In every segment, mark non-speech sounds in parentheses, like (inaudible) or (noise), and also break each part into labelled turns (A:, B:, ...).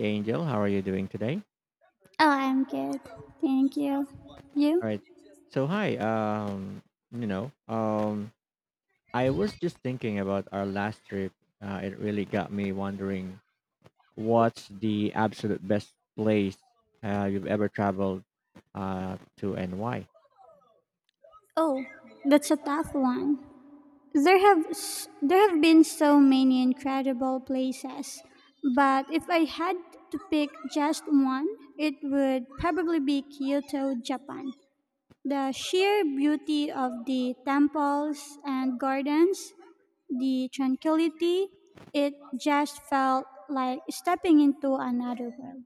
A: Angel. How are you doing today?
B: Oh, I'm good. Thank you. You?
A: All right. So hi. Um, you know, um, I was just thinking about our last trip. It really got me wondering what's the absolute best place you've ever traveled to and why.
B: Oh, that's a tough one. There have been so many incredible places, but if I had to pick just one, it would probably be Kyoto, Japan. The sheer beauty of the temples and gardens, the tranquility, it just felt like stepping into another world.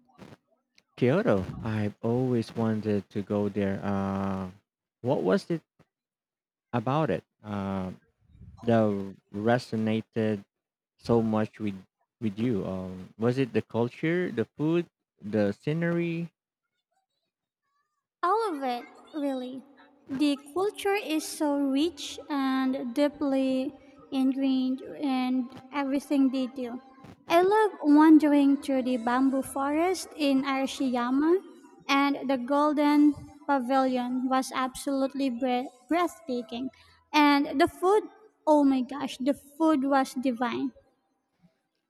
A: Kyoto. I've always wanted to go there. What was it about it? That resonated so much with you. Was it the culture, the food, the scenery?
B: All of it, really. The culture is so rich and deeply ingrained in everything they do. I love wandering through the bamboo forest in Arashiyama, and the golden pavilion was absolutely breathtaking. And the food, oh my gosh, the food was divine.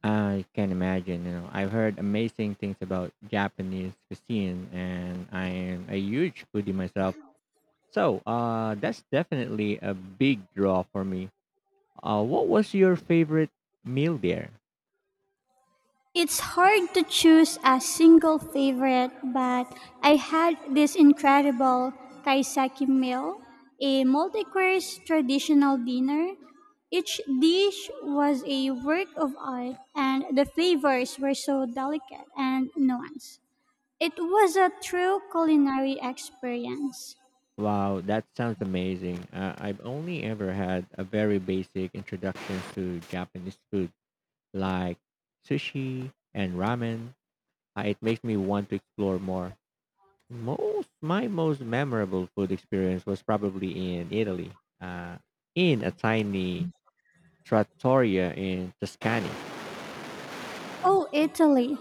A: I can imagine. You know, I've heard amazing things about Japanese cuisine, and I am a huge foodie myself. So, that's definitely a big draw for me. What was your favorite meal there?
B: It's hard to choose a single favorite, but I had this incredible kaiseki meal, a multi-course traditional dinner. Each dish was a work of art, and the flavors were so delicate and nuanced. It was a true culinary experience.
A: Wow, that sounds amazing. I've only ever had a very basic introduction to Japanese food, like sushi and ramen it makes me want to explore more. Most memorable food experience was probably in Italy, uh, in a tiny trattoria in Tuscany.
B: Oh, Italy!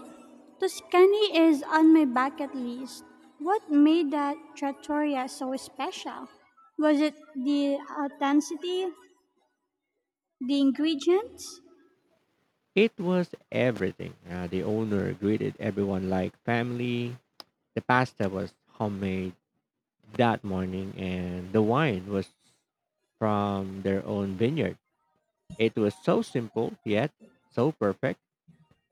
B: Tuscany is on my bucket list. What made that trattoria so special? Was it the authenticity, the ingredients?
A: It was everything. The owner greeted everyone like family. The pasta was homemade that morning, and the wine was from their own vineyard. It was so simple yet so perfect.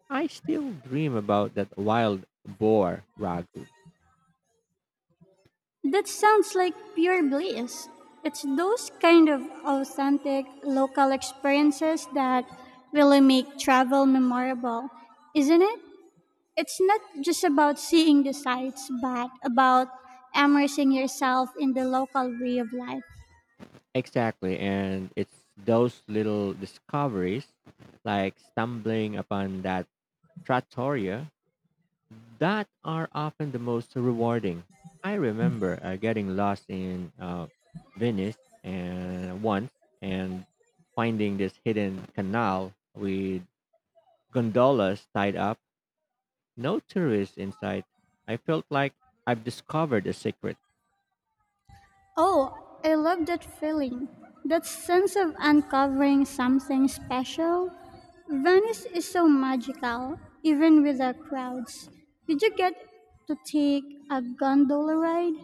A: I still dream about that wild boar ragu.
B: That sounds like pure bliss. It's those kind of authentic local experiences that really make travel memorable, isn't it? It's not just about seeing the sights, but about immersing yourself in the local way of life.
A: Exactly. And it's those little discoveries, like stumbling upon that trattoria, that are often the most rewarding. I remember getting lost in Venice and once and finding this hidden canal with gondolas tied up, no tourists inside. I felt like I've discovered a secret.
B: Oh, I love that feeling. That sense of uncovering something special. Venice is so magical, even with the crowds. Did you get to take a gondola ride?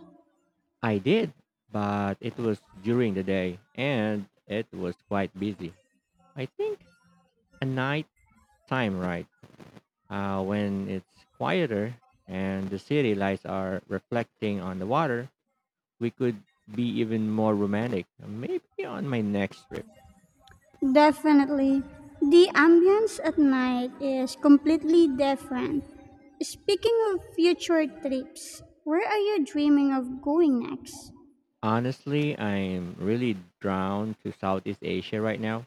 A: I did, but it was during the day and it was quite busy. I think a night time ride when it's quieter and the city lights are reflecting on the water, we could be even more romantic. Maybe on my next trip.
B: Definitely. The ambience at night is completely different. Speaking of future trips, where are you dreaming of going next?
A: Honestly, I'm really drawn to Southeast Asia right now.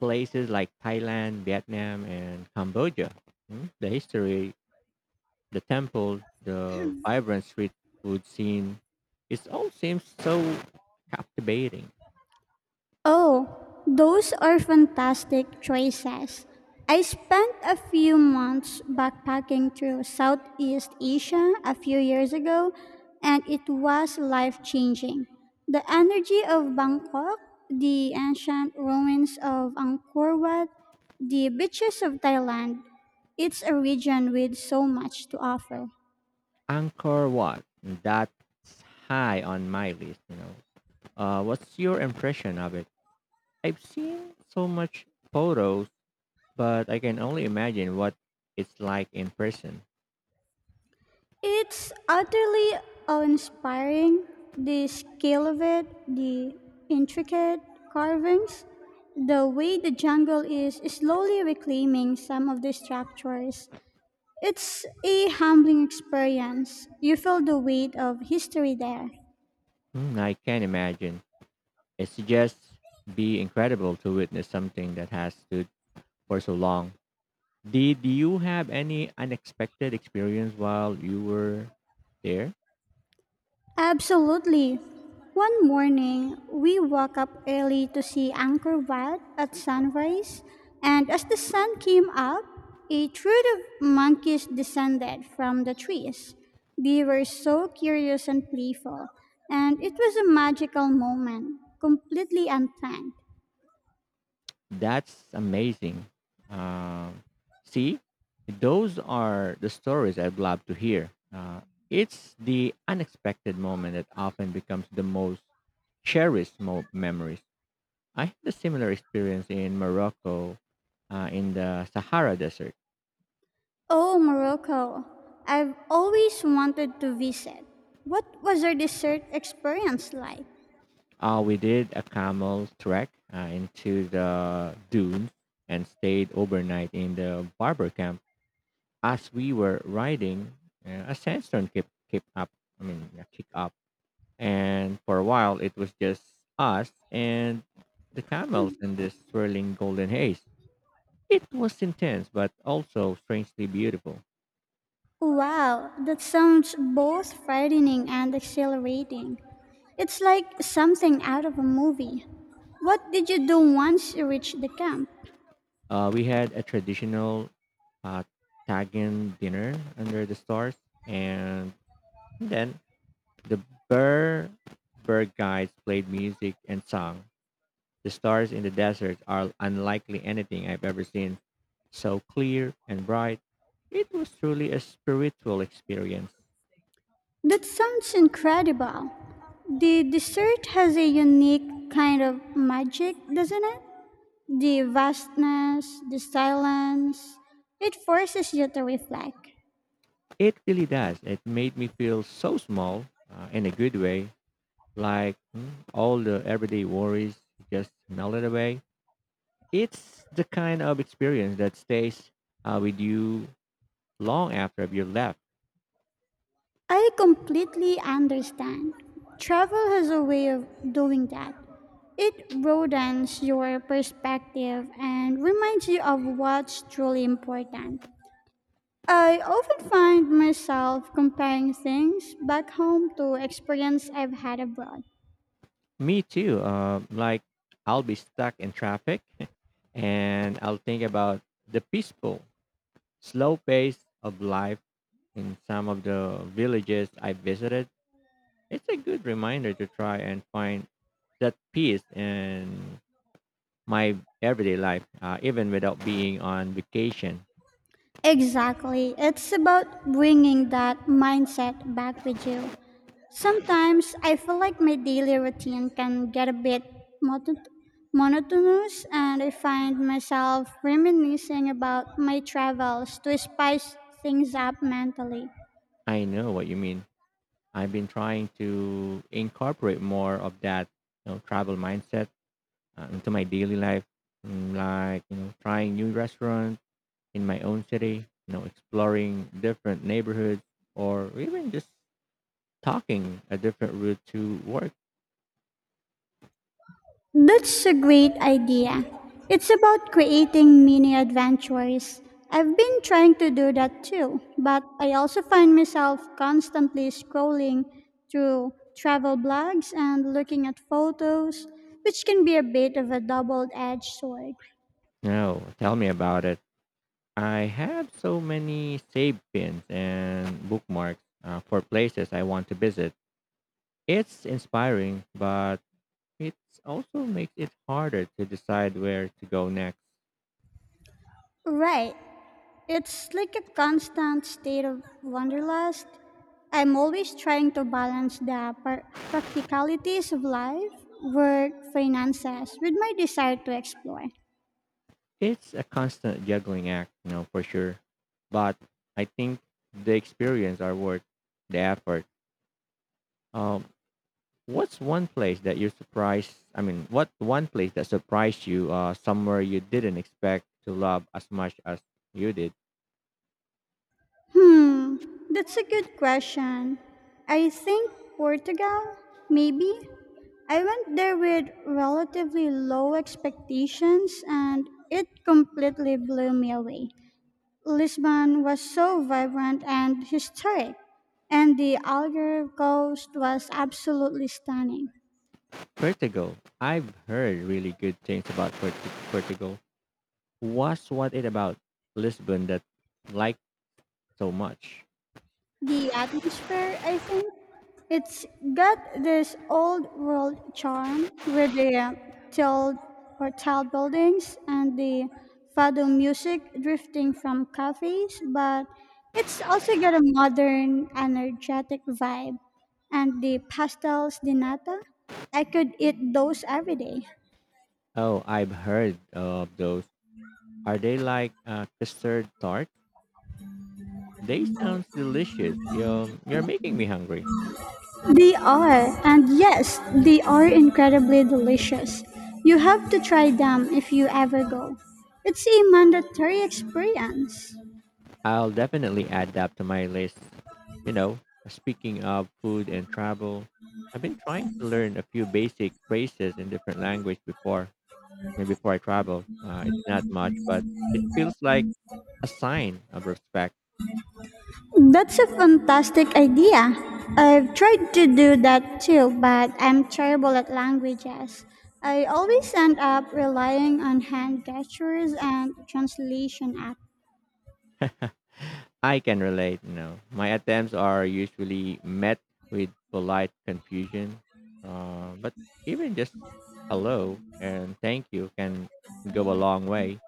A: Places like Thailand, Vietnam, and Cambodia. The history, the temple, the vibrant street food scene. It all seems so captivating.
B: Oh, those are fantastic choices. I spent a few months backpacking through Southeast Asia a few years ago, and it was life changing. The energy of Bangkok, the ancient ruins of Angkor Wat, the beaches of Thailand, it's a region with so much to offer.
A: Angkor Wat. That's high on my list. You know, what's your impression of it? I've seen so much photos, but I can only imagine what it's like in person.
B: It's utterly inspiring. The scale of it, the intricate carvings, the way the jungle is slowly reclaiming some of the structures. It's a humbling experience. You feel the weight of history there.
A: Hmm, I can imagine. It's just be incredible to witness something that has stood for so long. Did you have any unexpected experience while you were there?
B: Absolutely. One morning, we woke up early to see Angkor Wat at sunrise, and as the sun came up, a troop of monkeys descended from the trees. They were so curious and playful, and it was a magical moment, completely unplanned.
A: That's amazing. Uh, See, those are the stories I'd love to hear. It's the unexpected moment that often becomes the most cherished memories. I had a similar experience in Morocco, in the Sahara Desert.
B: Oh, Morocco, I've always wanted to visit. What was your dessert experience like?
A: We did a camel trek into the dunes and stayed overnight in the barber camp. As we were riding, a sandstorm kept, kept up. I mean, yeah, kicked up and for a while it was just us and the camels in this swirling golden haze. It was intense, but also strangely beautiful.
B: Wow, that sounds both frightening and exhilarating. It's like something out of a movie. What did you do once you reached the camp?
A: We had a traditional uh, Tagan dinner under the stars, and then the Burr bird guides played music and song. The stars in the desert are unlikely anything I've ever seen, so clear and bright. It was truly a spiritual experience.
B: That sounds incredible. The dessert has a unique kind of magic, doesn't it? The vastness, the silence, it forces you to reflect.
A: It really does. It made me feel so small in a good way, like all the everyday worries just melted away. It's the kind of experience that stays with you long after you've left.
B: I completely understand. Travel has a way of doing that. It broadens your perspective and reminds you of what's truly important. I often find myself comparing things back home to experience I've had abroad.
A: Me too. Like I'll be stuck in traffic (laughs) and I'll think about the peaceful, slow pace of life in some of the villages I visited. It's a good reminder to try and find that peace and my everyday life, even without being on vacation.
B: Exactly. It's about bringing that mindset back with you. Sometimes I feel like my daily routine can get a bit monot- monotonous, and I find myself reminiscing about my travels to spice things up mentally.
A: I know what you mean. I've been trying to incorporate more of that travel mindset into my daily life, trying new restaurants in my own city, exploring different neighborhoods, or even just talking a different route to work.
B: That's a great idea. It's about creating mini adventures. I've been trying to do that too, but I also find myself constantly scrolling through travel blogs and looking at photos, which can be a bit of a double edged sword.
A: No, tell me about it. I have so many save pins and bookmarks for places I want to visit. It's inspiring, but it also makes it harder to decide where to go next.
B: Right, it's like a constant state of wanderlust. I'm always trying to balance the practicalities of life, work, finances with my desire to explore.
A: It's a constant juggling act, for sure. But I think the experience are worth the effort. Um, what's one place that you're surprised? I mean, What one place that surprised you? Somewhere you didn't expect to love as much as you did.
B: Hmm, that's a good question. I think Portugal, maybe. I went there with relatively low expectations and it completely blew me away. Lisbon was so vibrant and historic, and the Algarve coast was absolutely stunning.
A: Vertigo. I've heard really good things about Vertigo. What's what it about Lisbon that like? So much.
B: The atmosphere, I think, it's got this old world charm with the tiled or tiled buildings and the fado music drifting from cafes, but it's also got a modern, energetic vibe. And the pastels di nata, I could eat those every day.
A: Oh, I've heard of those. Are they like custard tart? They sounds delicious. You're making me hungry.
B: They are, and yes, they are incredibly delicious. You have to try them if you ever go. It's a mandatory experience.
A: I'll definitely add that to my list. You know, speaking of food and travel, I've been trying to learn a few basic phrases in different language before. Maybe before I travel, it's not much, but it feels like a sign of respect.
B: That's a fantastic idea. I've tried to do that too, but I'm terrible at languages. I always end up relying on hand gestures and translation apps.
A: I can relate, you know. My attempts are usually met with polite confusion. But even just hello and thank you can go a long way.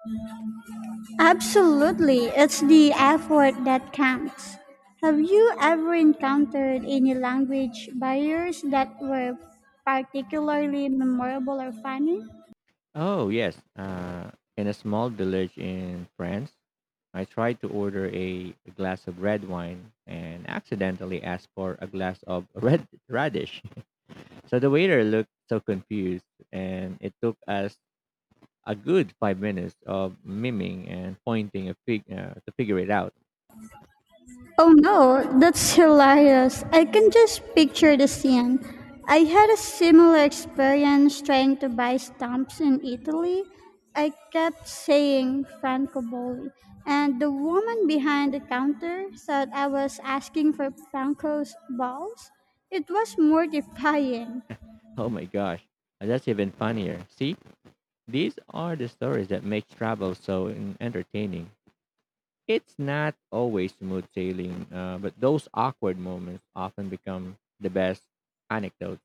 B: Absolutely, it's the effort that counts. Have you ever encountered any language barriers that were particularly memorable or funny?
A: Oh, yes. In a small village in France, I tried to order a glass of red wine and accidentally asked for a glass of (laughs) red radish. So the waiter looked so confused, and it took us a good 5 minutes of miming and pointing a fig to figure it out.
B: Oh no, that's hilarious. I can just picture the scene. I had a similar experience trying to buy stamps in Italy. I kept saying Francobolli, and the woman behind the counter thought I was asking for Franco's balls. It was mortifying.
A: Oh my gosh, that's even funnier. See, these are the stories that make travel so entertaining. It's not always smooth sailing, but those awkward moments often become the best anecdotes.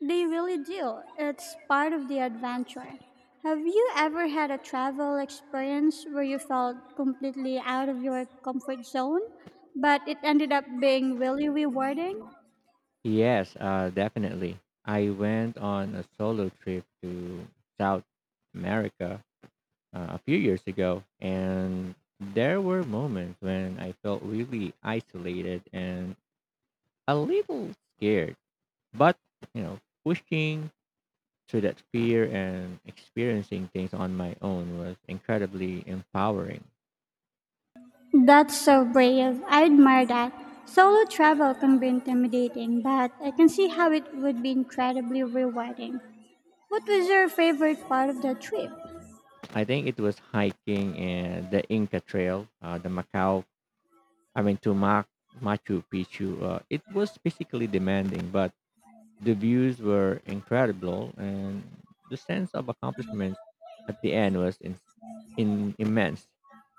B: They really do. It's part of the adventure. Have you ever had a travel experience where you felt completely out of your comfort zone, but it ended up being really rewarding?
A: Yes, definitely. I went on a solo trip to South America a few years ago, and there were moments when I felt really isolated and a little scared. But, you know, pushing through that fear and experiencing things on my own was incredibly empowering.
B: That's so brave. I admire that. Solo travel can be intimidating, but I can see how it would be incredibly rewarding. What was your favorite part of the trip?
A: I think it was hiking and the Inca Trail, the Macau, I mean, to Mac, Machu Picchu. It was physically demanding, but the views were incredible, and the sense of accomplishment at the end was immense.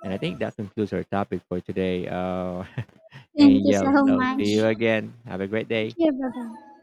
A: And I think that concludes our topic for today, (laughs)
B: Thank you so
A: Angel. So
B: much.
A: see you again. Have a great
B: Thank
A: day,
B: you, bye-bye.